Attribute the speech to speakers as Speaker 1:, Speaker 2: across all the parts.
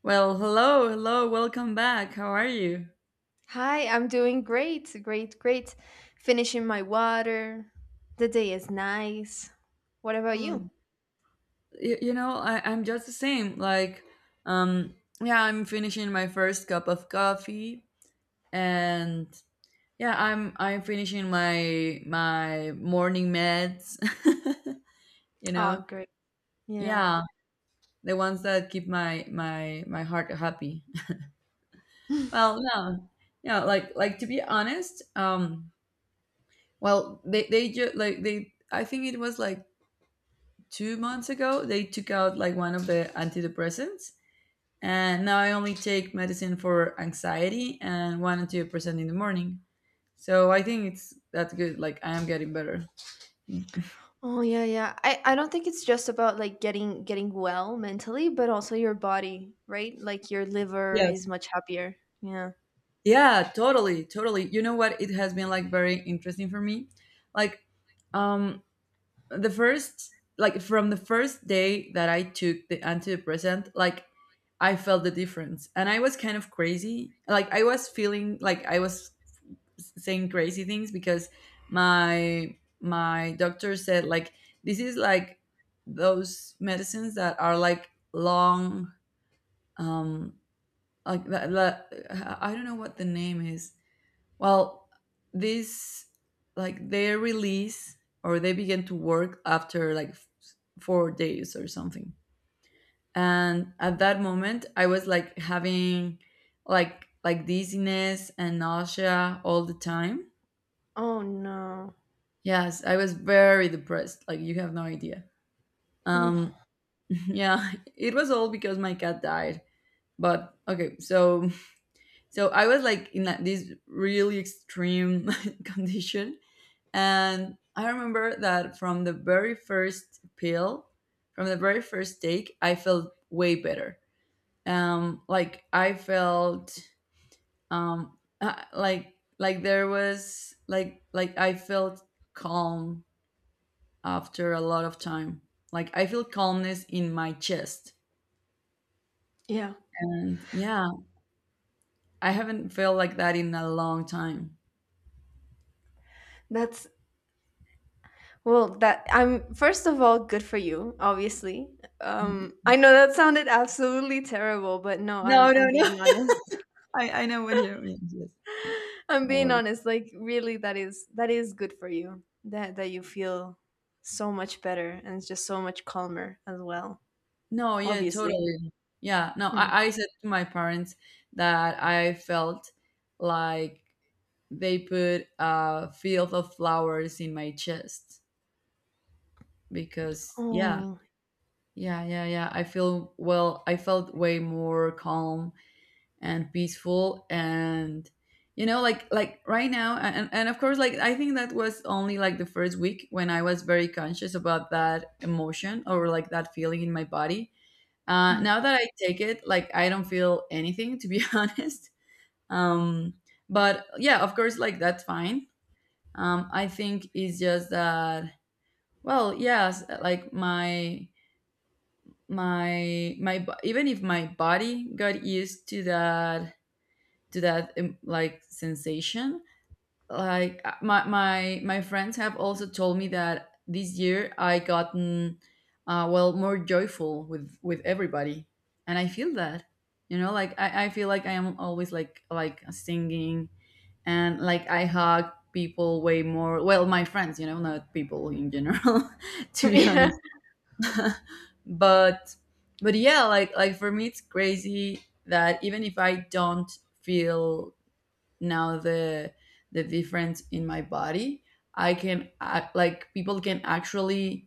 Speaker 1: Well, hello, hello, welcome back. How are you?
Speaker 2: Hi, I'm doing great, great, great. Finishing my water. The day is nice. What about
Speaker 1: Mm.
Speaker 2: you?
Speaker 1: You know, I'm just the same. Like, um, yeah, I'm finishing my first cup of coffee, and yeah, I'm finishing my morning meds. you
Speaker 2: Oh,
Speaker 1: know,
Speaker 2: great. Yeah.
Speaker 1: yeah, the ones that keep my heart happy. Well, no, yeah, like to be honest, well, they just like they. I think it was like two months ago they took out like one of the antidepressants, and now I only take medicine for anxiety and one antidepressant in the morning. So I think it's that's good, like I am getting better.
Speaker 2: Oh, yeah, yeah. I don't think it's just about like getting well mentally, but also your body, right? Like your liver is
Speaker 1: Yes,
Speaker 2: much happier. Yeah.
Speaker 1: yeah, totally, you know what, it has been like very interesting for me. Like, um the first, like from the first day that I took the antidepressant, like I felt the difference, and I was kind of crazy, like I was feeling like I was saying crazy things. Because my doctor said, like, this is like those medicines that are like long, um like that I don't know what the name is. Well, this, like they release, or they begin to work after like four days or something. And at that moment I was like having like dizziness and nausea all the time.
Speaker 2: Oh no.
Speaker 1: Yes, I was very depressed. Like, you have no idea.
Speaker 2: Mm,
Speaker 1: Um, yeah, it was all because my cat died. But okay, so I was like in this really extreme condition, and I remember that from the very first pill, from the very first take, I felt way better. Like I felt there was, like, I felt calm after a lot of time. Like, I feel calmness in my chest.
Speaker 2: yeah.
Speaker 1: And yeah, I haven't felt like that in a long time.
Speaker 2: That's Well, that I'm, first of all, good for you, obviously.
Speaker 1: Mhm.
Speaker 2: I know that sounded absolutely terrible, but no, I'm
Speaker 1: No, no,
Speaker 2: I'm
Speaker 1: no.
Speaker 2: being honest.
Speaker 1: I know what you mean. Yes.
Speaker 2: I'm
Speaker 1: No
Speaker 2: being
Speaker 1: worries.
Speaker 2: honest, like really that is good for you. That you feel so much better, and it's just so much calmer as well.
Speaker 1: No, yeah,
Speaker 2: Obviously.
Speaker 1: totally. Yeah. No,
Speaker 2: Hmm.
Speaker 1: I said to my parents that I felt like they put a field of flowers in my chest. Because yeah,
Speaker 2: Oh.
Speaker 1: yeah, yeah, yeah, I feel, well, I felt way more calm and peaceful and right now. And of course, like, I think that was only like the first week when I was very conscious about that emotion, or like that feeling in my body. Uh, now
Speaker 2: Mm.
Speaker 1: that I take it, like, I don't feel anything, to be honest. um but yeah, of course, like that's fine. I think it's just that, well, yes, like my even if my body got used to that, to that, like, sensation. Like, my friends have also told me that this year I gotten, well, more joyful with everybody. And I feel that, you know, like, I feel like I am always like singing, and like I hug people way more. Well, my friends, you know, not people in general, to be
Speaker 2: yeah.
Speaker 1: honest. but but yeah, like, for me it's crazy that even if I don't feel now the difference in my body, I can act, like people can actually,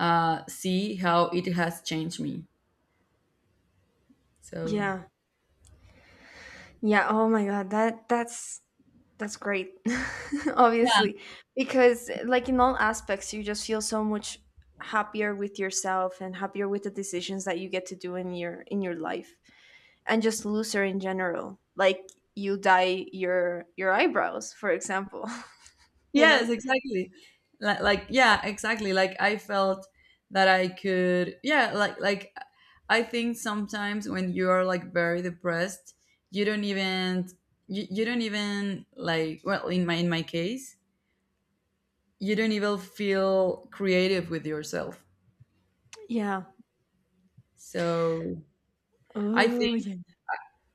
Speaker 1: see how it has changed me. So
Speaker 2: Yeah. Yeah, oh my god, that's great.
Speaker 1: yeah.
Speaker 2: Obviously, because like in all aspects you just feel so much happier with yourself and happier with the decisions that you get to do in your life, and just looser in general. Like you dye your eyebrows, for example. you know?
Speaker 1: Yes, exactly, like yeah, exactly, like I felt that I could, yeah, like I think sometimes when you are like very depressed, you don't even, you don't even like, well, in my, in my case, you don't even feel creative with yourself.
Speaker 2: Yeah.
Speaker 1: So I think,
Speaker 2: Oh, yeah.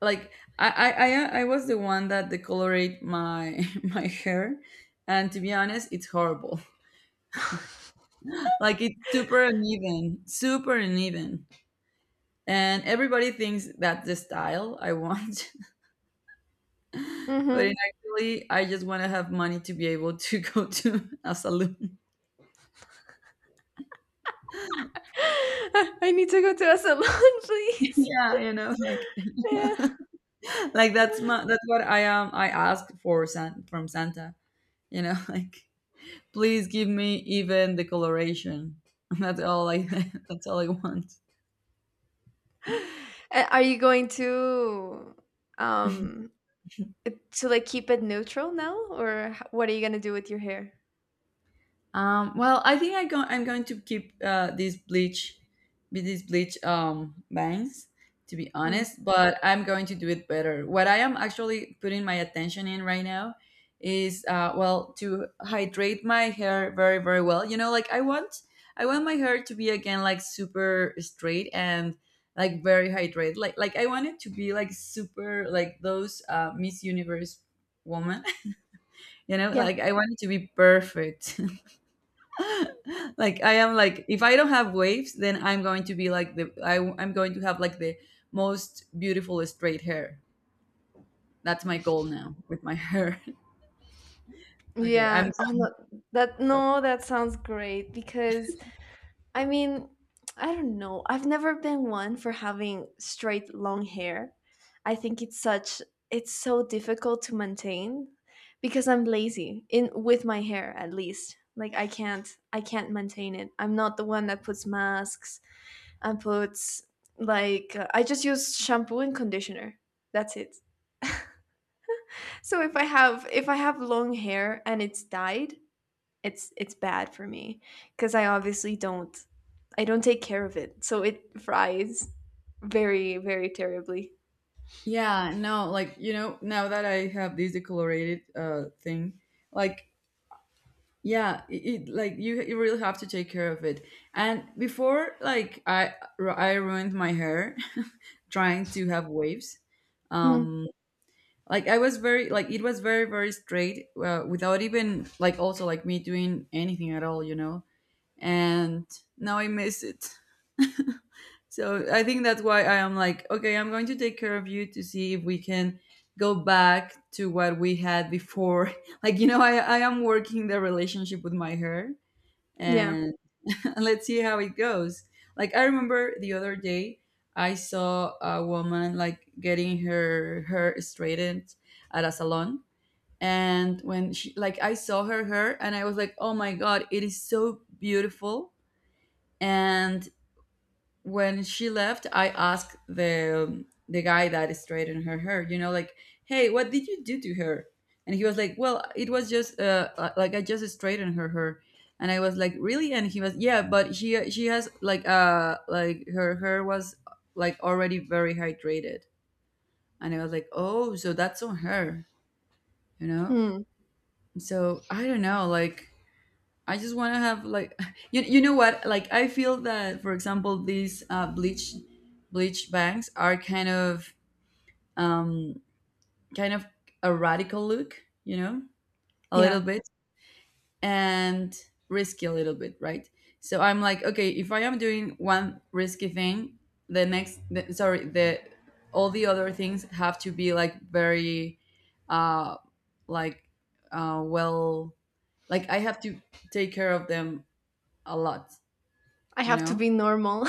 Speaker 1: like I was the one that decolorate my my hair, and to be honest, it's horrible. Like, it's super uneven, and everybody thinks that's the style I want, but in
Speaker 2: Mm-hmm.
Speaker 1: actually, I just want to have money to be able to go to a salon.
Speaker 2: I need to go to a salon, please.
Speaker 1: Yeah, you know, like,
Speaker 2: Yeah.
Speaker 1: like that's my, that's what I am. I asked for San, from Santa. You know, like, please give me even the coloration. That's all I. That's all I want.
Speaker 2: And are you going um to like keep it neutral now, or what are you gonna do with your hair?
Speaker 1: Well, I think I'm going to keep, these bleach, with these bleach, bangs, to be
Speaker 2: Mm.
Speaker 1: honest. But I'm going to do it better. What I am actually putting my attention in right now is, well, to hydrate my hair very, very well. You know, like I want my hair to be again like super straight and like very hydrated. Like I want it to be like super, like those, Miss Universe woman. You know,
Speaker 2: Yeah.
Speaker 1: like I want it to be perfect. Like, I am like, if I don't have waves then I'm going to be like I'm going to have like the most beautiful straight hair. That's my goal now with my hair. Okay, I'm
Speaker 2: Yeah. Oh no, that
Speaker 1: so,
Speaker 2: no, that sounds great because I mean, I don't know. I've never been one for having straight long hair. I think it's so difficult to maintain because I'm lazy in with my hair at least. Like I can't maintain it. I'm not the one that puts masks and puts like I just use shampoo and conditioner. That's it. So if I have long hair and it's dyed, it's bad for me because I obviously don't, I don't take care of it, so it fries very very terribly.
Speaker 1: yeah, no, like, you know, now that I have this decolorated thing, like, yeah, it like, you really have to take care of it. And before, like, I ruined my hair trying to have waves.
Speaker 2: Hmm.
Speaker 1: um like I was very, like it was very very straight, without even, like, also like me doing anything at all, you know. And now I miss it. So I think that's why I am like, okay, I'm going to take care of you to see if we can go back to what we had before. Like, you know, I am working the relationship with my hair.
Speaker 2: Yeah.
Speaker 1: And let's see how it goes. Like, I remember the other day, I saw a woman like getting her hair straightened at a salon. And when she like, I saw her hair, and I was like, oh my god, it is so beautiful. And when she left I asked the guy that straightened her hair, you know, like, hey, what did you do to her? And he was like, well, it was just, like I just straightened her hair. And I was like, really? And he was yeah, but she has like, like, her hair was like already very hydrated. And I was like, oh, so that's on her, you know?
Speaker 2: Hmm.
Speaker 1: So I don't know like, I just want to have like, you know what, like, I feel that, for example, these, bleach, bangs are kind of, um kind of a radical look, you know? A little
Speaker 2: Yeah.
Speaker 1: bit. And risky, a little bit, right? So I'm like, okay, if I am doing one risky thing, the, all the other things have to be like very, uh like, well, like, I have to take care of them a lot,
Speaker 2: I
Speaker 1: you
Speaker 2: have to
Speaker 1: know?
Speaker 2: be normal.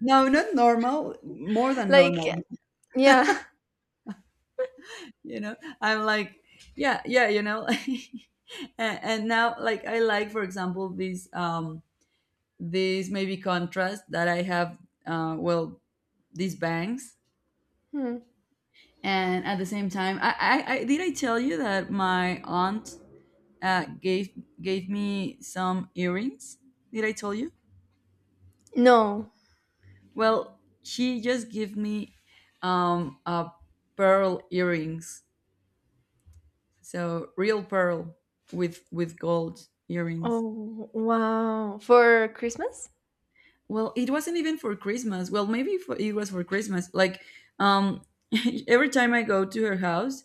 Speaker 1: No, not normal, more than
Speaker 2: like
Speaker 1: normal.
Speaker 2: yeah.
Speaker 1: You know, I'm like, yeah, yeah, you know. And now, like, I like, for example, this, this maybe contrast that I have. Well, these bangs,
Speaker 2: Hmm.
Speaker 1: and at the same time, I did, I tell you that my aunt, uh, gave gave me some earrings. Did I tell you?
Speaker 2: No.
Speaker 1: Well, she just gave me, a pearl earrings. So real pearl with gold earrings.
Speaker 2: Oh wow. For Christmas?
Speaker 1: Well, it wasn't even for Christmas. Well, maybe for, it was for Christmas. Like, um every time I go to her house,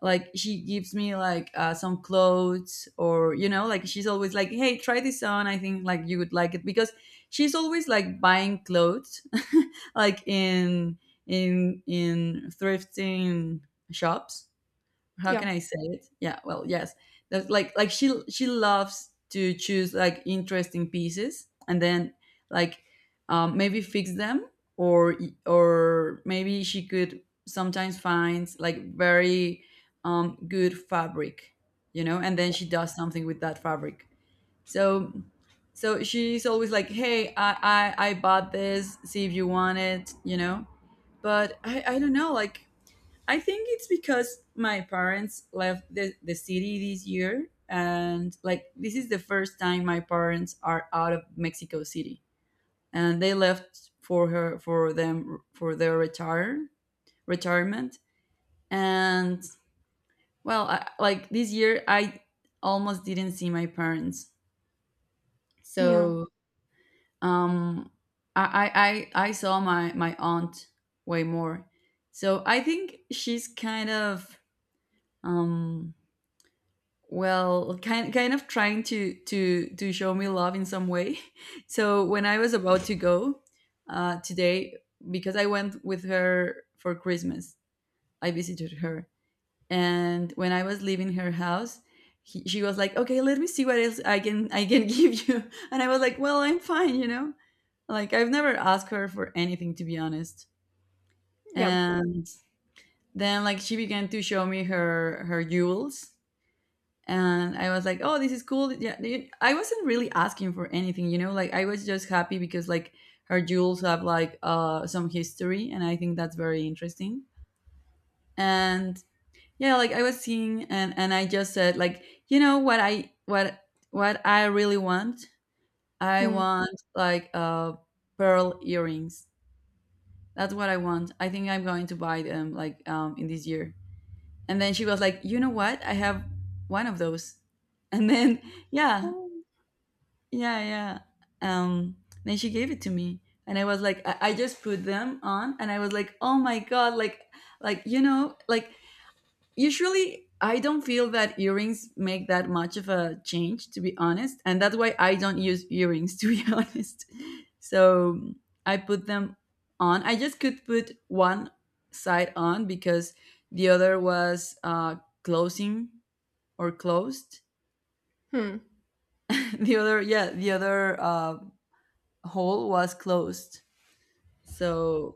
Speaker 1: like she gives me like, some clothes, or, you know, like she's always like, "Hey, try this on. I think like you would like it." Because she's always like buying clothes, like in in thrifting shops. How
Speaker 2: Yeah.
Speaker 1: can I say it? Yeah, well, yes. That's like she loves to choose like interesting pieces and then like, maybe fix them, or or maybe she could sometimes finds like very, good fabric, you know, and then
Speaker 2: Yeah.
Speaker 1: she does something with that fabric. So, so she's always like, "Hey, I bought this. See if you want it," you know. But I don't know like, I think it's because my parents left the city this year. And like, this is the first time my parents are out of Mexico City. And they left for her, for them, for their retirement. And well, I, like, this year, I almost didn't see my parents.
Speaker 2: Yeah.
Speaker 1: So, um, I, I, I saw my, my aunt way more. So I think she's kind of, um, well kind of trying to show me love in some way so when I was about to go today because I went with her for Christmas. I visited her, and when I was leaving her house, she was like, "Okay, let me see what else I can I can give you." And I was like, "Well, I'm fine, you know, like I've never asked her for anything, to be honest."
Speaker 2: Yeah.
Speaker 1: And then like she began to show me her jewels, and I was like, "Oh, this is cool." Yeah, I wasn't really asking for anything. Like I was just happy because like her jewels have like some history, and I think that's very interesting. And yeah, like I was seeing, and I just said like, you know what I what what I really want? I
Speaker 2: Mm.
Speaker 1: want like pearl earrings. That's what I want. I think I'm going to buy them like in this year. And then she was like, "You know what? I have one of those." And then yeah.
Speaker 2: Oh.
Speaker 1: Yeah, yeah. Um, then she gave it to me, and I was like, I just put them on, and I was like, oh my god, like, like usually I don't feel that earrings make that much of a change, to be honest, and that's why I don't use earrings, to be honest. So I put them on. I just could put one side on because the other was closing or closed.
Speaker 2: Hmm.
Speaker 1: The other, yeah, the other. Hole was closed. So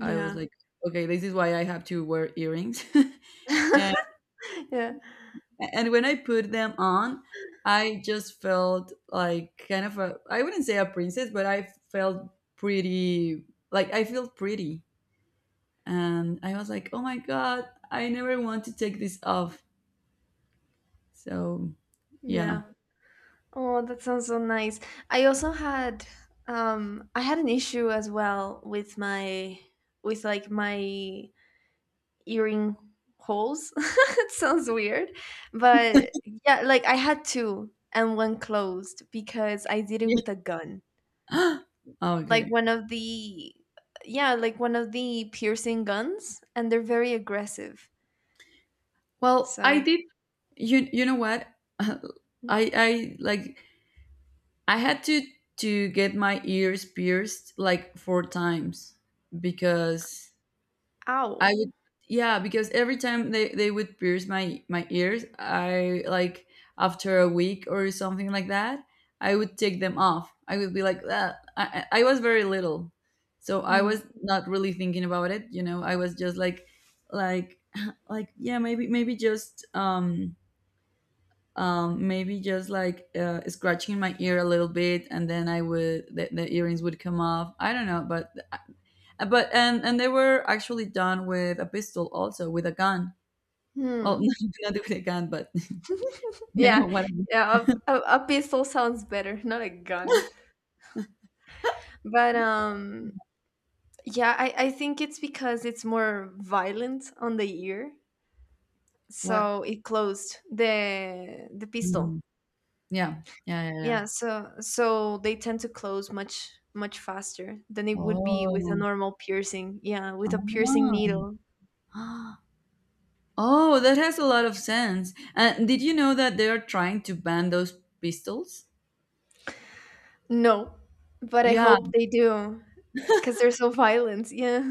Speaker 1: I was like, okay, this is why I have to wear earrings. and,
Speaker 2: yeah.
Speaker 1: and when I put them on, I just felt like kind of a, I wouldn't say a princess, but I felt pretty, like I feel pretty. And I was like, oh my God, I never want to take this off. So yeah.
Speaker 2: Yeah. Oh, that sounds so nice. I also had an issue as well with like my earring holes. it sounds weird, but yeah, like I had two and one closed because I did it with a gun. Like
Speaker 1: okay.
Speaker 2: one of the yeah, like one of the piercing guns, and they're very aggressive.
Speaker 1: Well, I
Speaker 2: So,
Speaker 1: did. You know what? I like I had to get my ears pierced like four times because
Speaker 2: ow.
Speaker 1: I would yeah because every time they would pierce my ears I like after a week or something like that I would take them off. I would be like that. I was very little, so I
Speaker 2: Mm.
Speaker 1: was not really thinking about it, you know. I was just like like yeah maybe just maybe just like scratching my ear a little bit, and then I would the earrings would come off. I don't know, but and they were actually done with a pistol, also with a gun.
Speaker 2: Hmm.
Speaker 1: Well, not with a gun, but you
Speaker 2: Yeah.
Speaker 1: know what? I
Speaker 2: Yeah, a pistol sounds better, not a gun. But yeah, I think it's because it's more violent on the ear.
Speaker 1: What?
Speaker 2: So it closed the pistol.
Speaker 1: Mm, yeah, yeah, yeah, yeah.
Speaker 2: Yeah, so they tend to close much much faster than it would be with a
Speaker 1: Oh,
Speaker 2: normal piercing. Yeah, with a piercing
Speaker 1: ah.
Speaker 2: needle.
Speaker 1: oh, that has a lot of sense. And did you know that they are trying to ban those pistols?
Speaker 2: No, but I
Speaker 1: Yeah,
Speaker 2: hope they do because they're so violent. Yeah,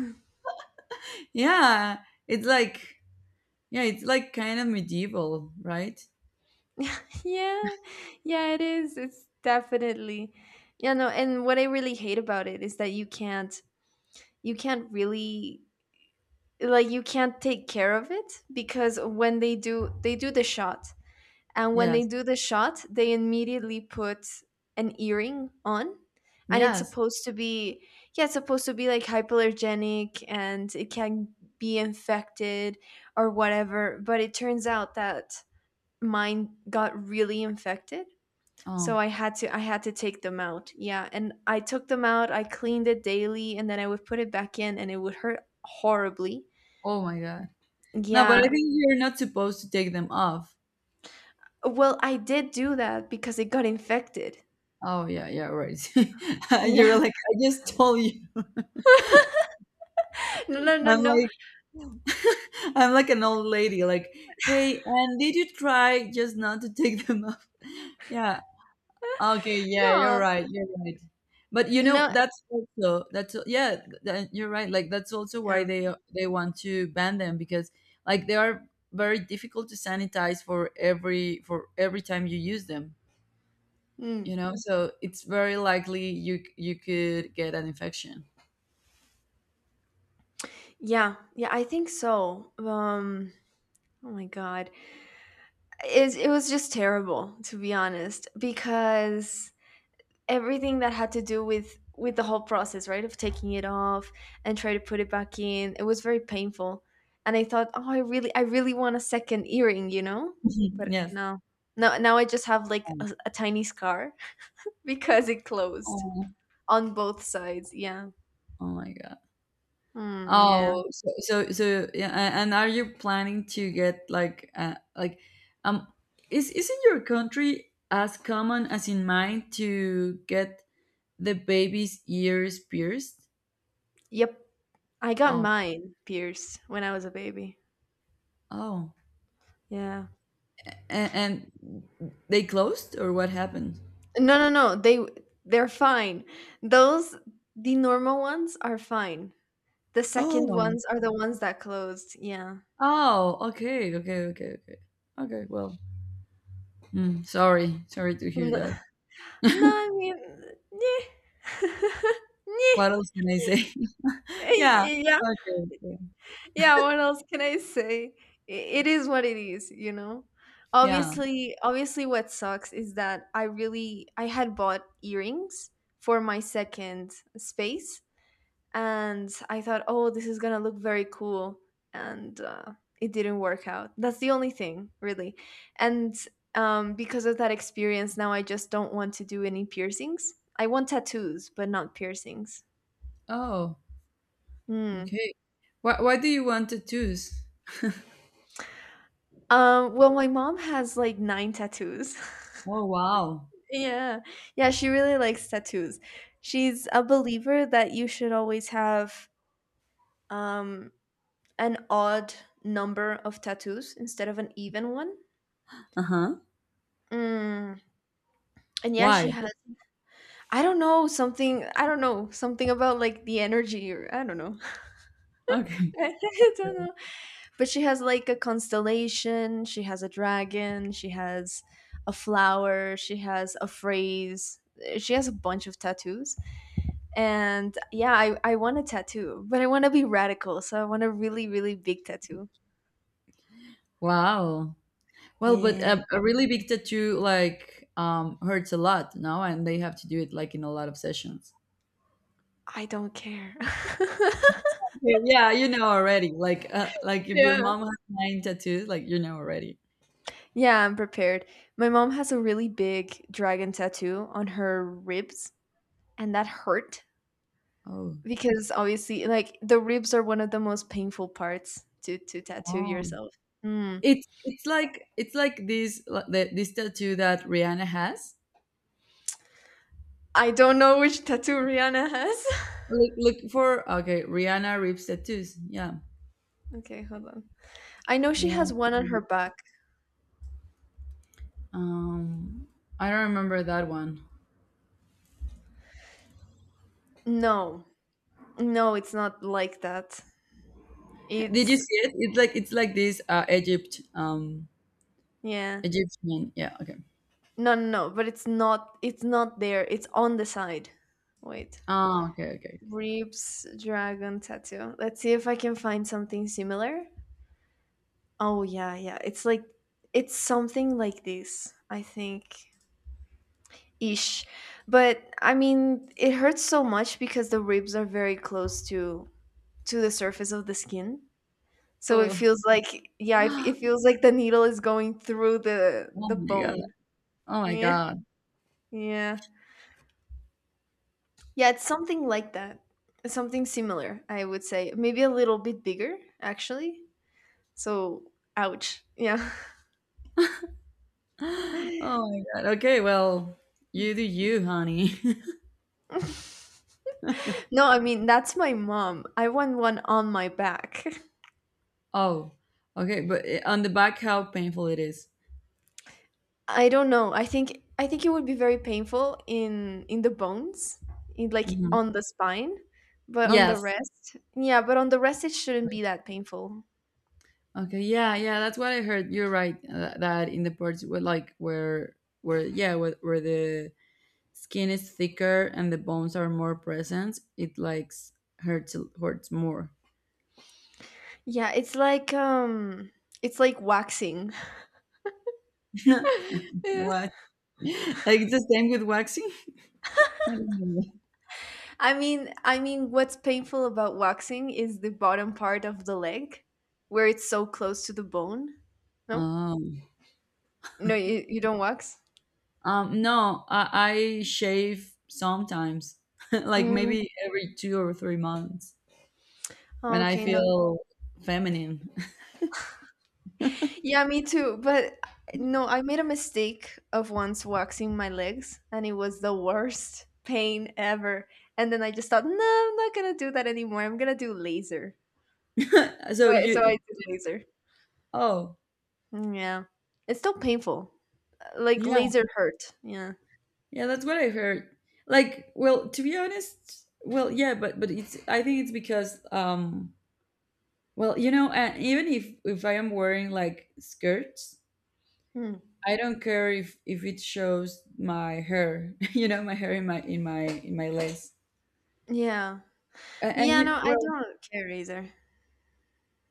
Speaker 1: yeah. It's like Yeah, it's like kind of medieval, right?
Speaker 2: yeah, yeah, it is. It's definitely, yeah, no. And what I really hate about it is that you can't really, like, you can't take care of it because when they do the shot, and when they
Speaker 1: Yes.
Speaker 2: do the shot they immediately put an earring on, and it's
Speaker 1: Yes.
Speaker 2: supposed to be yeah, it's supposed to be like hypoallergenic, and it can be infected or whatever, but it turns out that mine got really infected. So
Speaker 1: Oh.
Speaker 2: I had to take them out, yeah. And I took them out, I cleaned it daily, and then I would put it back in and it would hurt horribly,
Speaker 1: Oh my God. No, but I
Speaker 2: yeah.
Speaker 1: think you're not supposed to take them off.
Speaker 2: Well, I did do that because it got infected.
Speaker 1: Oh yeah, yeah, right. you were
Speaker 2: Yeah.
Speaker 1: like, I just told you.
Speaker 2: No, no, no,
Speaker 1: I'm
Speaker 2: no.
Speaker 1: like I'm like an old lady, like, hey, and did you try just not to take them off? Yeah, okay, yeah, you're
Speaker 2: No.
Speaker 1: right. You're right. But you know,
Speaker 2: No.
Speaker 1: that's also yeah, you're right. Like that's also why
Speaker 2: Yeah.
Speaker 1: they want to ban them because like they are very difficult to sanitize for every time you use them,
Speaker 2: Mm.
Speaker 1: you know? So it's very likely you could get an infection.
Speaker 2: Yeah. Yeah, I think so. Oh my god. It was just terrible, to be honest, because everything that had to do with the whole process, right? Of taking it off and try to put it back in. It was very painful. And I thought, "Oh, I really want a second earring, you know?" But
Speaker 1: yes.
Speaker 2: no. No, now I just have like a tiny scar because it closed
Speaker 1: Oh,
Speaker 2: on both sides. Yeah.
Speaker 1: oh my god.
Speaker 2: Mm, yeah.
Speaker 1: Oh, yeah, and are you planning to get like um is in your country as common as in mine to get the baby's ears pierced?
Speaker 2: Yep. I got
Speaker 1: Oh,
Speaker 2: mine pierced when I was a baby.
Speaker 1: oh,
Speaker 2: Yeah.
Speaker 1: and they closed or what happened?
Speaker 2: No, no, no. They're fine. Those The normal ones are fine. The second
Speaker 1: Oh,
Speaker 2: ones are the ones that closed. Yeah.
Speaker 1: oh, okay. Well, mm, sorry, sorry to hear
Speaker 2: No,
Speaker 1: that.
Speaker 2: no, I mean, yeah.
Speaker 1: What else can I say? yeah,
Speaker 2: Yeah.
Speaker 1: okay, okay,
Speaker 2: Yeah, what else can I say? It is what it is, you know.
Speaker 1: yeah.
Speaker 2: Obviously, what sucks is that I had bought earrings for my second space, and I thought, "Oh, this is going to look very cool." And it didn't work out. That's the only thing, really. And because of that experience, now I just don't want to do any piercings. I want tattoos, but not piercings.
Speaker 1: Oh.
Speaker 2: Hmm.
Speaker 1: Okay. Why do you want to choose?
Speaker 2: Well, my mom has like 9 tattoos.
Speaker 1: Oh, wow.
Speaker 2: Yeah. Yeah, she really likes tattoos. She's a believer that you should always have um an odd number of tattoos instead of an even one.
Speaker 1: Uh huh.
Speaker 2: Mm. And yeah, she
Speaker 1: Why?
Speaker 2: has, I don't know, something, I don't know, something about like the energy, or I don't know.
Speaker 1: Okay.
Speaker 2: I don't know. But she has like a constellation, she has a dragon, she has a flower, she has a phrase. She has a bunch of tattoos. And yeah, I want a tattoo, but I want to be radical. So I want a really, really big tattoo.
Speaker 1: Wow. Well, but
Speaker 2: Yeah,
Speaker 1: a really big tattoo like hurts a lot, no? And they have to do it like in a lot of sessions.
Speaker 2: I don't care.
Speaker 1: Okay, yeah, you know already. Like if your
Speaker 2: yeah.
Speaker 1: mom has nine tattoos, like you know already.
Speaker 2: Yeah, I'm prepared. My mom has a really big dragon tattoo on her ribs, and that hurt
Speaker 1: Oh.
Speaker 2: because obviously, like, the ribs are one of the most painful parts to tattoo
Speaker 1: Oh.
Speaker 2: yourself. Mm.
Speaker 1: It's like this like this tattoo that Rihanna has.
Speaker 2: I don't know which tattoo Rihanna has.
Speaker 1: Look look for okay, Rihanna rips tattoos. Yeah.
Speaker 2: okay, hold on. I know she
Speaker 1: Yeah.
Speaker 2: has one on her back.
Speaker 1: Um, I don't remember that one.
Speaker 2: No, no, it's not like that.
Speaker 1: Did you
Speaker 2: It's
Speaker 1: see it? It's like this Egypt,
Speaker 2: Yeah.
Speaker 1: Egyptian. Yeah. Okay.
Speaker 2: No, no, no, but it's not there. It's on the side. Wait.
Speaker 1: Oh, okay. Okay.
Speaker 2: Ribs dragon tattoo. Let's see if I can find something similar. Oh yeah, yeah. It's something like this, I think. Ish. But I mean, it hurts so much because the ribs are very close to the surface of the skin. So it
Speaker 1: Oh.
Speaker 2: feels like, yeah, it, it feels like the needle is going through the
Speaker 1: oh
Speaker 2: the
Speaker 1: my god.
Speaker 2: bone.
Speaker 1: Oh my
Speaker 2: Yeah.
Speaker 1: god.
Speaker 2: Yeah. Yeah, it's something like that. Something similar, I would say. Maybe a little bit bigger, actually. So, ouch. Yeah.
Speaker 1: Oh my god. Okay. Well, you do you, honey.
Speaker 2: no, I mean, that's my mom. I want one on my back.
Speaker 1: oh. Okay. But on the back, how painful it is.
Speaker 2: I don't know. I think it would be very painful in the bones, in like
Speaker 1: Mhm.
Speaker 2: on the spine, but on the
Speaker 1: Yes.
Speaker 2: rest, yeah, but on the rest it shouldn't be that painful.
Speaker 1: Okay, yeah, yeah, that's what I heard. You're right. That in the parts where, like, where, yeah, where the skin is thicker and the bones are more present. It likes hurts hurts more.
Speaker 2: Yeah, it's like waxing.
Speaker 1: what? It's the same with waxing. I don't know.
Speaker 2: I mean, what's painful about waxing is the bottom part of the leg, where it's so close to the bone. No,
Speaker 1: Um,
Speaker 2: no, you don't wax.
Speaker 1: no, I shave sometimes, like
Speaker 2: Mm,
Speaker 1: maybe every 2 or 3 months when I
Speaker 2: okay, no,
Speaker 1: feel feminine.
Speaker 2: yeah, me too. But no, I made a mistake of once waxing my legs, and it was the worst pain ever. And then I just thought, no, I'm not gonna do that anymore. I'm gonna do laser.
Speaker 1: so
Speaker 2: So I
Speaker 1: you,
Speaker 2: did laser.
Speaker 1: oh
Speaker 2: Mm, yeah, it's still painful. Like
Speaker 1: yeah,
Speaker 2: laser hurt. Yeah.
Speaker 1: yeah, that's what I heard. Like, well, to be honest, well, yeah, but it's I think it's because well, you know, even if I am wearing like skirts,
Speaker 2: Mm.
Speaker 1: I don't care if it shows my hair, you know, my hair in my lace.
Speaker 2: Yeah.
Speaker 1: And
Speaker 2: Yeah, no,
Speaker 1: you,
Speaker 2: I
Speaker 1: well,
Speaker 2: don't care either.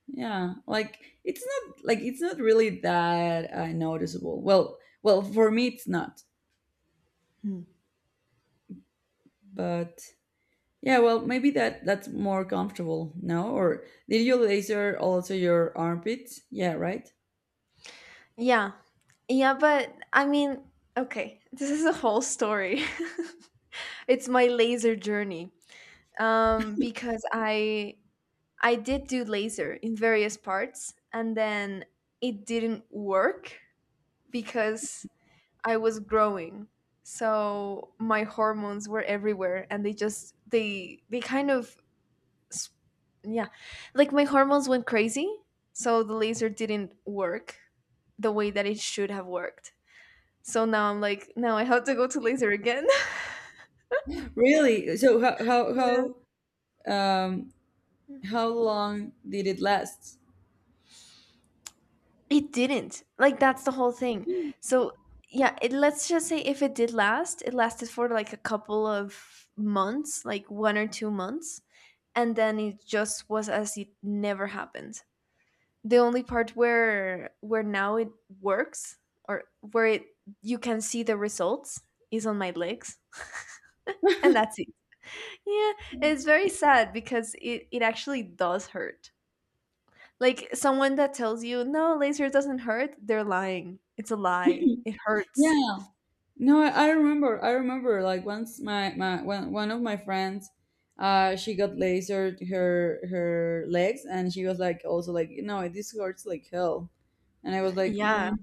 Speaker 1: yeah, like it's not really that noticeable. Well, well, for me it's not.
Speaker 2: Hmm.
Speaker 1: But yeah, well, maybe that that's more comfortable, no? Or did you laser also your armpits? Yeah, right?
Speaker 2: Yeah. Yeah, but I mean, okay, this is a whole story. it's my laser journey. Because I did do laser in various parts, and then it didn't work because I was growing. So my hormones were everywhere, and they just they kind of s- yeah, like my hormones went crazy, so the laser didn't work the way that it should have worked. So now I'm like, no, I have to go to laser again.
Speaker 1: Really? So
Speaker 2: Yeah.
Speaker 1: um how long did it last?
Speaker 2: It didn't. Like that's the whole thing. So yeah, let's just say if it did last, it lasted for like a couple of months, like 1 or 2 months, and then it just was as it never happened. The only part where now it works, or where it you can see the results is on my legs. and that's it. Yeah, it's very sad because it actually does hurt. Like someone that tells you, no, laser doesn't hurt, they're lying. It's a lie. It hurts.
Speaker 1: Yeah. No, I remember. I remember. Like once, my one of my friends, she got lasered her her legs, and she was like, also like, no, this hurts like hell. And I was like,
Speaker 2: Yeah.
Speaker 1: mm,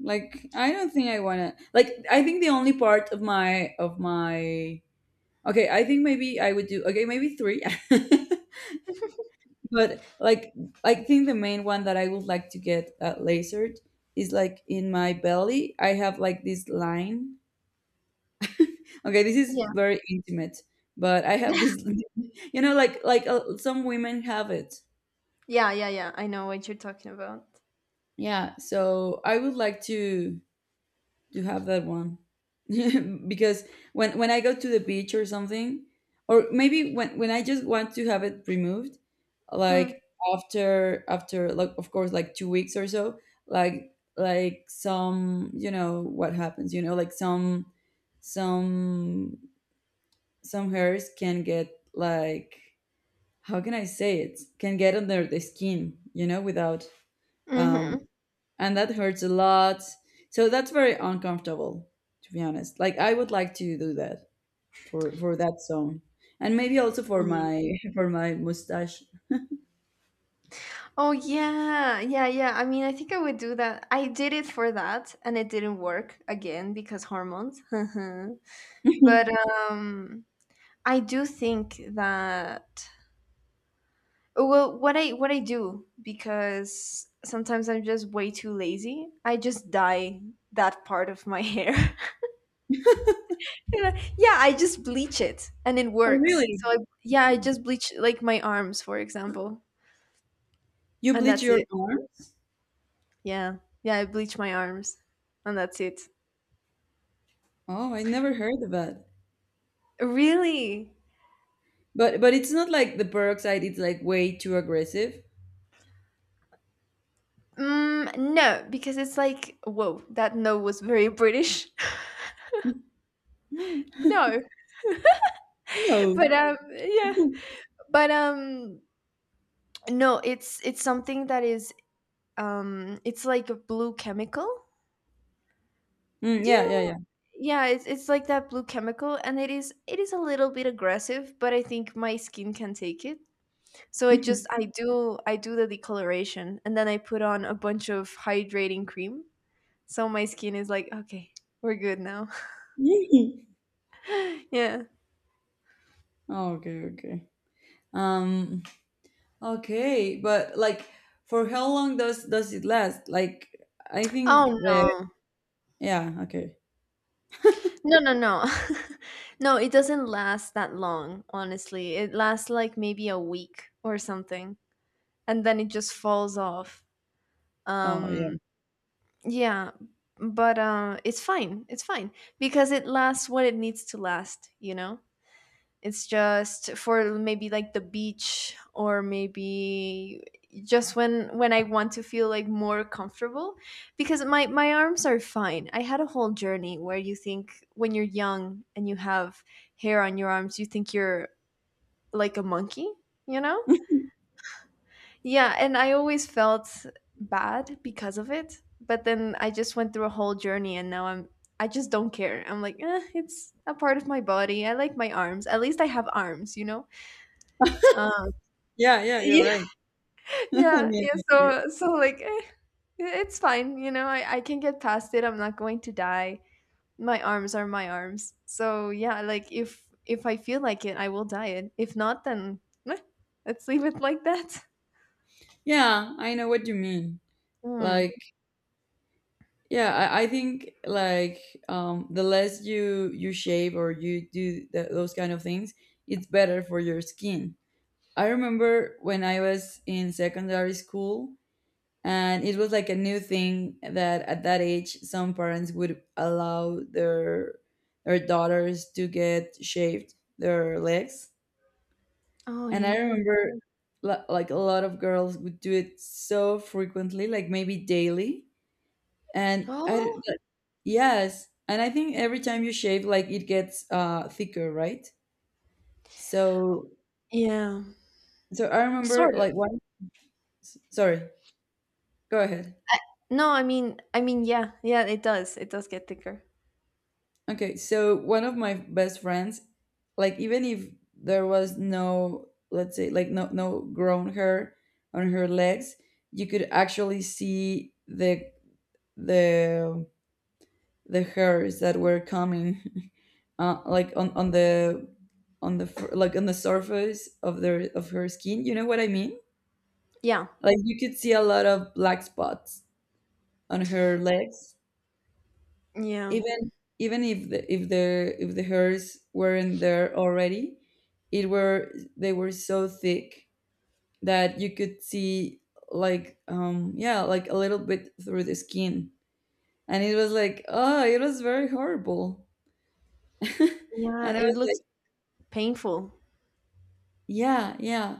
Speaker 1: like I don't think I wanna. Like I think the only part of my okay, I think maybe I would do okay, maybe three. But like, I think the main one that I would like to get lasered is like in my belly. I have like this line. Okay, this is
Speaker 2: Yeah.
Speaker 1: very intimate, but I have this, you know, like some women have it.
Speaker 2: Yeah, yeah, yeah. I know what you're talking about.
Speaker 1: Yeah, so I would like to have that one because when I go to the beach or something, or maybe when I just want to have it removed, like
Speaker 2: Hmm.
Speaker 1: after after like of course like 2 weeks or so, like some you know what happens, you know, like some some hairs can get like how can I say it can get under the skin, you know, without um
Speaker 2: Mm-hmm.
Speaker 1: and that hurts a lot. So that's very uncomfortable, to be honest. Like I would like to do that for that zone. And maybe also for my for my mustache.
Speaker 2: Oh, yeah. Yeah, yeah. I mean, I think I would do that. I did it for that and it didn't work again because hormones.
Speaker 1: oh
Speaker 2: but um, I do think that. Well, what I do, because sometimes I'm just way too lazy. I just dye that part of my hair. You know, yeah, I just bleach it and it works.
Speaker 1: really?
Speaker 2: So yeah, I just bleach like my arms, for example,
Speaker 1: You
Speaker 2: and
Speaker 1: bleach
Speaker 2: that's
Speaker 1: your
Speaker 2: it.
Speaker 1: arms?
Speaker 2: Yeah, yeah, I bleach my arms, and that's it.
Speaker 1: Oh, I never heard of that.
Speaker 2: Really?
Speaker 1: But it's not like the peroxide, it's like way too aggressive.
Speaker 2: Mm, no, because it's like whoa, that no was very British. no,
Speaker 1: No.
Speaker 2: but yeah, but no, it's something that is it's like a blue chemical.
Speaker 1: Mm,
Speaker 2: Do you
Speaker 1: yeah,
Speaker 2: know?
Speaker 1: yeah,
Speaker 2: Yeah, it's like that blue chemical, and it is a little bit aggressive, but I think my skin can take it. So I do the decoloration, and then I put on a bunch of hydrating cream, so my skin is like, okay, we're good now.
Speaker 1: yeah.
Speaker 2: Yeah.
Speaker 1: oh, okay, okay. Um okay, but like for how long does it last? Like I think
Speaker 2: Oh
Speaker 1: that
Speaker 2: no.
Speaker 1: yeah, okay.
Speaker 2: No, no, no. No, it doesn't last that long, honestly. It lasts like maybe a week or something, and then it just falls off.
Speaker 1: Oh yeah.
Speaker 2: Um Yeah, but it's fine. It's fine because it lasts what it needs to last. You know, it's just for maybe like the beach or maybe just when I want to feel like more comfortable because my arms are fine. I had a whole journey where you think when you're young and you have hair on your arms, you think you're like a monkey. You know, yeah, and I always felt bad because of it. But then I just went through a whole journey and now I just don't care. I'm like, eh, it's a part of my body. I like my arms. At least I have arms, you know? Um,
Speaker 1: Yeah, yeah, you're
Speaker 2: yeah,
Speaker 1: right. I
Speaker 2: yeah,
Speaker 1: mean,
Speaker 2: yeah. So like, eh, it's fine. You know, I can get past it. I'm not going to die. My arms are my arms. So yeah, like if I feel like it, I will dye it. If not, then eh, let's leave it like that.
Speaker 1: yeah, I know what you mean.
Speaker 2: Hmm.
Speaker 1: Like, yeah, I think like the less you you shave or you do th those kind of things, it's better for your skin. I remember when I was in secondary school, and it was like a new thing that at that age some parents would allow their daughters to get shaved their legs,
Speaker 2: Oh
Speaker 1: and I
Speaker 2: yeah.
Speaker 1: remember like a lot of girls would do it so frequently, like maybe daily.
Speaker 2: Oh,
Speaker 1: Like, yes, and I think every time you shave like it gets thicker, right? So
Speaker 2: yeah,
Speaker 1: so I remember
Speaker 2: sort
Speaker 1: like
Speaker 2: of.
Speaker 1: one sorry, go ahead.
Speaker 2: No, I mean, yeah, yeah, it does. It does get thicker.
Speaker 1: Okay, so one of my best friends, like even if there was no, let's say, like no no grown hair on her legs, you could actually see the the the hairs that were coming, like on like on the surface of their of her skin. You know what I mean?
Speaker 2: Yeah,
Speaker 1: Like you could see a lot of black spots on her legs
Speaker 2: yeah,
Speaker 1: even even if the if the hairs weren't there already, it were they were so thick that you could see like yeah like a little bit through the skin, and it was like oh it was very horrible.
Speaker 2: yeah.
Speaker 1: And I
Speaker 2: It
Speaker 1: was
Speaker 2: looks painful.
Speaker 1: yeah, yeah,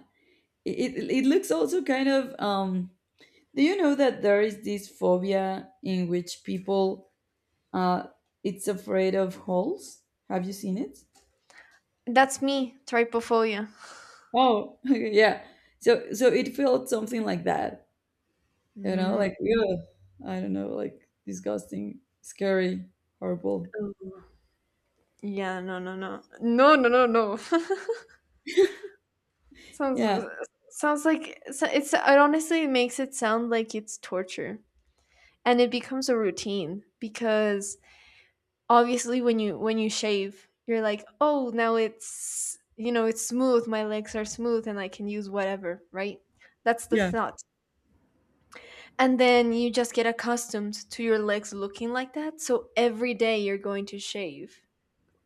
Speaker 1: it looks also kind of do you know that there is this phobia in which people uh it's afraid of holes, have you seen it?
Speaker 2: That's me, trypophobia.
Speaker 1: Oh, yeah. So so it felt something like that, you know,
Speaker 2: Mm,
Speaker 1: like ugh, I don't know, like disgusting, scary, horrible.
Speaker 2: oh, yeah, no, no, no, no, no, no, no. sounds
Speaker 1: Yeah,
Speaker 2: it's. It honestly makes it sound like it's torture, and it becomes a routine because obviously when you shave, you're like, oh, now it's, you know, it's smooth. My legs are smooth, and I can use whatever, right? That's the
Speaker 1: yeah,
Speaker 2: thought. And then you just get accustomed to your legs looking like that, so every day you're going to shave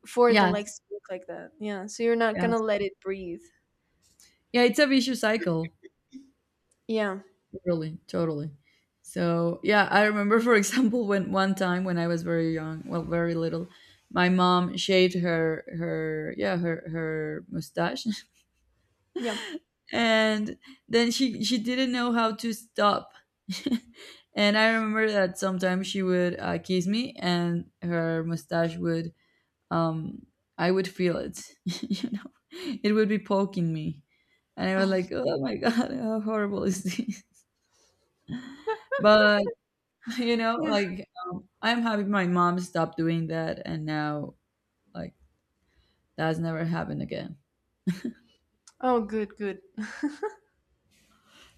Speaker 2: for the
Speaker 1: yes,
Speaker 2: legs to look like that. Yeah, so you're not gonna
Speaker 1: yes,
Speaker 2: let it breathe.
Speaker 1: yeah. It's a vicious cycle,
Speaker 2: Yeah,
Speaker 1: really, totally. So yeah, I remember, for example, when one time when I was very young, well, very little, my mom shaved her her yeah her her mustache
Speaker 2: yeah.
Speaker 1: and then she didn't know how to stop. And I remember that sometimes she would kiss me and her mustache would um I would feel it, it would be poking me. And I was
Speaker 2: Oh
Speaker 1: like, oh my god, how horrible is this. But
Speaker 2: yeah.
Speaker 1: I'm happy my mom stopped doing that, and now, like, that's never happened again.
Speaker 2: Oh good, good.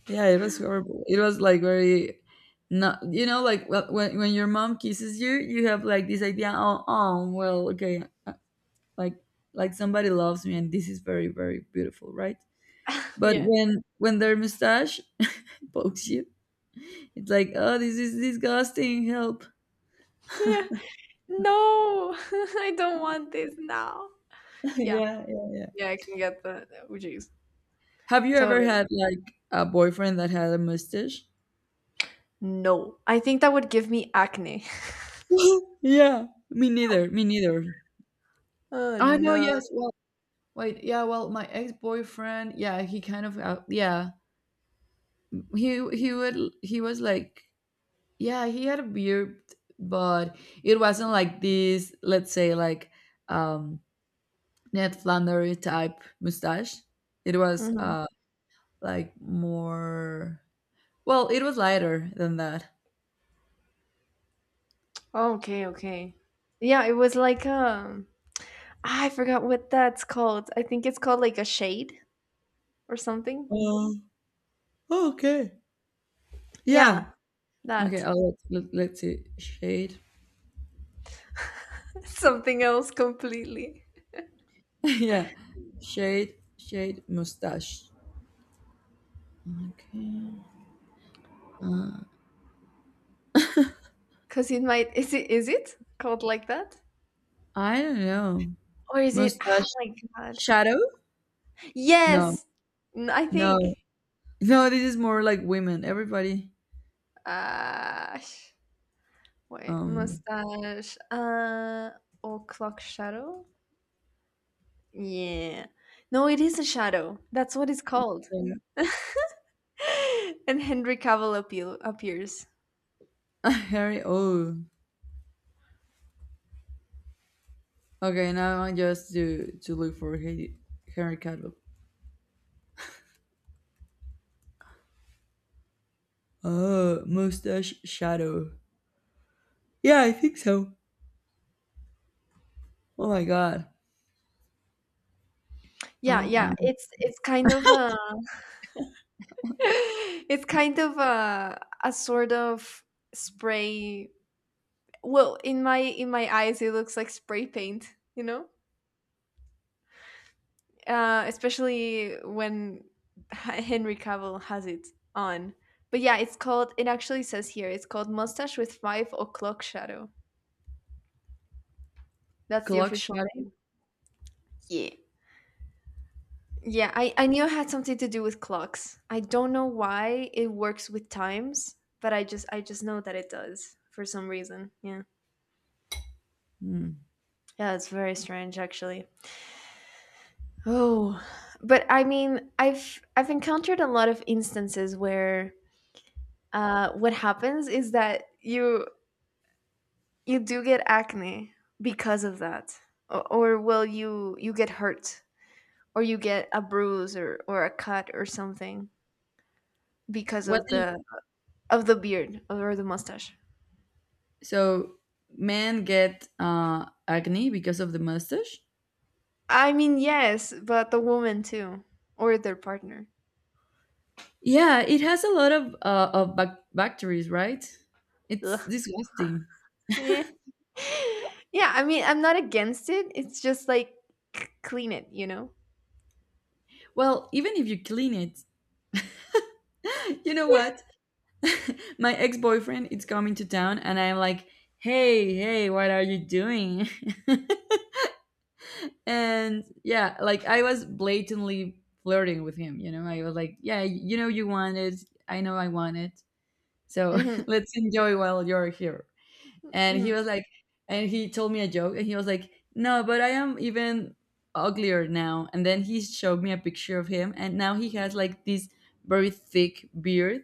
Speaker 1: Yeah, it was horrible. It was like very, not like, well, when your mom kisses you, you have like this idea, oh, oh well, okay, like like somebody loves me and this is very very beautiful, right? But
Speaker 2: yeah,
Speaker 1: when their mustache pokes you, it's like, oh, this is disgusting, help.
Speaker 2: yeah, no. I don't want this now. Yeah,
Speaker 1: Yeah, yeah, yeah.
Speaker 2: yeah, I can get that. Oh jeez.
Speaker 1: Have you
Speaker 2: So
Speaker 1: ever had like a boyfriend that had a mustache?
Speaker 2: no, I think that would give me acne.
Speaker 1: Yeah, me neither. Me neither.
Speaker 2: Oh
Speaker 1: I know,
Speaker 2: no.
Speaker 1: yes. Well, wait. Yeah, well, my ex-boyfriend, yeah, he kind of yeah, he would, he was like, yeah, he had a beard, but it wasn't like this, let's say, like, um Ned Flanders type mustache. It was
Speaker 2: Mhm.
Speaker 1: like more, well, it was lighter than that.
Speaker 2: Okay, okay. Yeah, it was like ah, I forgot what that's called. I think it's called like a shade or something.
Speaker 1: Oh, okay. Yeah.
Speaker 2: Yeah,
Speaker 1: Okay,
Speaker 2: that.
Speaker 1: I'll let's see, shade.
Speaker 2: Something else completely.
Speaker 1: Yeah, shade mustache, okay.
Speaker 2: Cuz it might, is it called like that?
Speaker 1: I don't know.
Speaker 2: Or is it, oh
Speaker 1: Mustache
Speaker 2: my god.
Speaker 1: shadow. no
Speaker 2: Yes. I
Speaker 1: no
Speaker 2: think
Speaker 1: No, this is more like women. Everybody.
Speaker 2: uh sh- wait,
Speaker 1: Um,
Speaker 2: mustache, or clock shadow? Yeah. No, it is a shadow. That's what it's called.
Speaker 1: yeah.
Speaker 2: and Henry Cavill appears.
Speaker 1: Harry. Oh, okay. Now I just to look for Harry, Henry Cavill. Oh, mustache shadow. Yeah, I think so. Oh my god.
Speaker 2: Yeah,
Speaker 1: Oh
Speaker 2: yeah.
Speaker 1: my,
Speaker 2: It's kind of a it's kind of a sort of spray. Well, in my eyes, it looks like spray paint. You know, especially when Henry Cavill has it on. But yeah, it's called. It actually says here. It's called mustache with five o'clock shadow. That's the
Speaker 1: clock
Speaker 2: official
Speaker 1: shadow.
Speaker 2: name. Yeah. Yeah, I knew it had something to do with clocks. I don't know why it works with times, but I just know that it does for some reason. Yeah.
Speaker 1: Hmm.
Speaker 2: Yeah, it's very strange actually. Oh, but I mean, I've encountered a lot of instances where what happens is that you do get acne because of that, or well, you get hurt, or you get a bruise or a cut or something because
Speaker 1: What
Speaker 2: of
Speaker 1: do you,
Speaker 2: the beard or the mustache.
Speaker 1: so men get acne because of the mustache?
Speaker 2: I mean, yes, but the woman too, or their partner.
Speaker 1: Yeah, it has a lot of bacteria, right? It's
Speaker 2: Ugh.
Speaker 1: disgusting.
Speaker 2: Yeah. yeah, I mean, I'm not against it. It's just like clean it, you know?
Speaker 1: Well, even if you clean it, you know what? My ex-boyfriend is coming to town and I'm like, hey, hey, what are you doing? And yeah, like, I was blatantly flirting with him, you know. I was like, yeah, you know, you want it, I know, I want it, so
Speaker 2: Hmm.
Speaker 1: let's enjoy while you're here. And he
Speaker 2: Hmm.
Speaker 1: was like, and he told me a joke, and he was like, no, but I am even uglier now. And then he showed me a picture of him, and now he has like this very thick beard.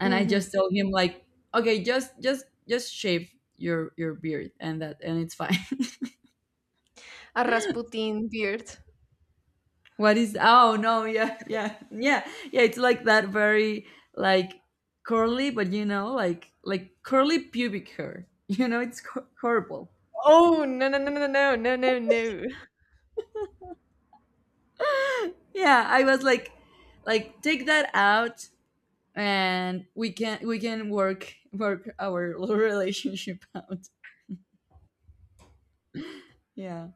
Speaker 1: And I
Speaker 2: Hmm.
Speaker 1: just told him like, okay, just shave your beard, and that, and it's fine.
Speaker 2: A Rasputin beard.
Speaker 1: What is, oh no, yeah yeah yeah yeah, it's like that, very, like, curly, but you know, like curly pubic hair. You know, it's horrible.
Speaker 2: Oh, no, no, no, no, no, no, no, no.
Speaker 1: Yeah, I was like, take that out, and we can work our relationship out, yeah.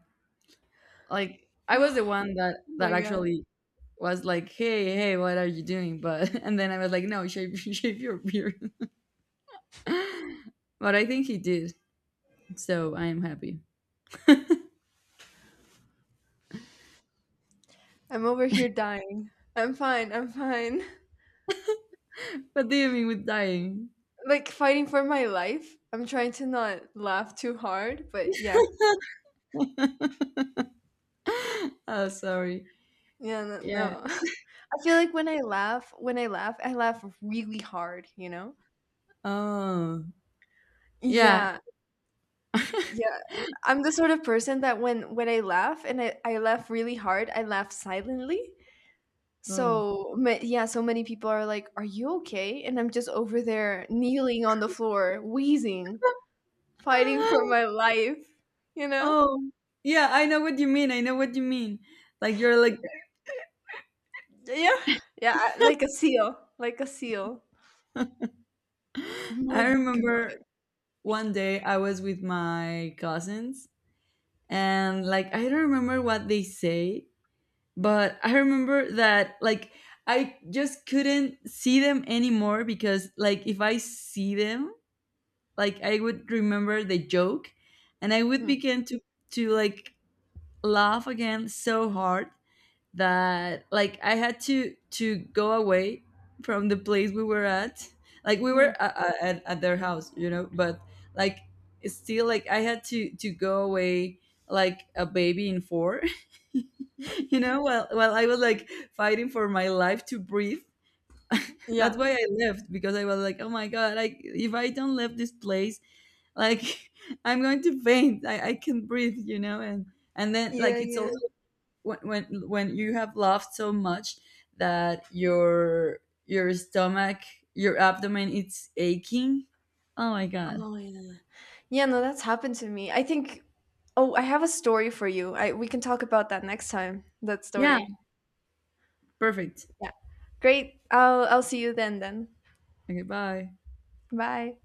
Speaker 1: Like I was the one that
Speaker 2: Oh my God.
Speaker 1: actually was like, "Hey, hey, what are you doing?" But and then I was like, "No, shave, shave your beard." But I think he did, so I am happy.
Speaker 2: I'm over here dying. I'm fine. I'm fine.
Speaker 1: What do you mean with dying?
Speaker 2: Like fighting for my life. I'm trying to not laugh too hard, but yeah.
Speaker 1: Oh, sorry.
Speaker 2: Yeah, no.
Speaker 1: Yeah.
Speaker 2: No. I feel like when I laugh, I laugh really hard, you know?
Speaker 1: Oh, yeah.
Speaker 2: Yeah, yeah. I'm the sort of person that when I laugh and I laugh really hard, I laugh silently.
Speaker 1: Oh.
Speaker 2: So yeah, so many people are like, "Are you okay?" And I'm just over there kneeling on the floor, wheezing, fighting for
Speaker 1: Ah,
Speaker 2: my life, you know?
Speaker 1: oh, yeah, I know what you mean. I know what you mean. Like, you're like
Speaker 2: Yeah. Yeah, like a seal, like a seal. Oh my
Speaker 1: I
Speaker 2: God.
Speaker 1: remember one day I was with my cousins, and like, I don't remember what they say, but I remember that like, I just couldn't see them anymore, because like, if I see them, like, I would remember the joke and I would
Speaker 2: Mm,
Speaker 1: begin to like, laugh again so hard that like, I had to go away from the place we were at. Like, we were
Speaker 2: mm.
Speaker 1: at, at their house, you know, but, like, it's still, like, I had to go away, like a baby in four. You know, while I was like fighting for my life to breathe.
Speaker 2: Yeah.
Speaker 1: That's why I left, because I was like, oh my god, like, if I don't leave this place, like, I'm going to faint, I can breathe, you know. And then,
Speaker 2: Yeah,
Speaker 1: like, it's
Speaker 2: yeah.
Speaker 1: also when, when you have laughed so much that your stomach, your abdomen, it's aching. Oh my god.
Speaker 2: Oh yeah. Yeah, no, that's happened to me. I think oh, I have a story for you. I We can talk about that next time. That
Speaker 1: Yeah,
Speaker 2: story.
Speaker 1: perfect.
Speaker 2: Yeah. Great. I'll see you then then.
Speaker 1: Okay, bye.
Speaker 2: Bye.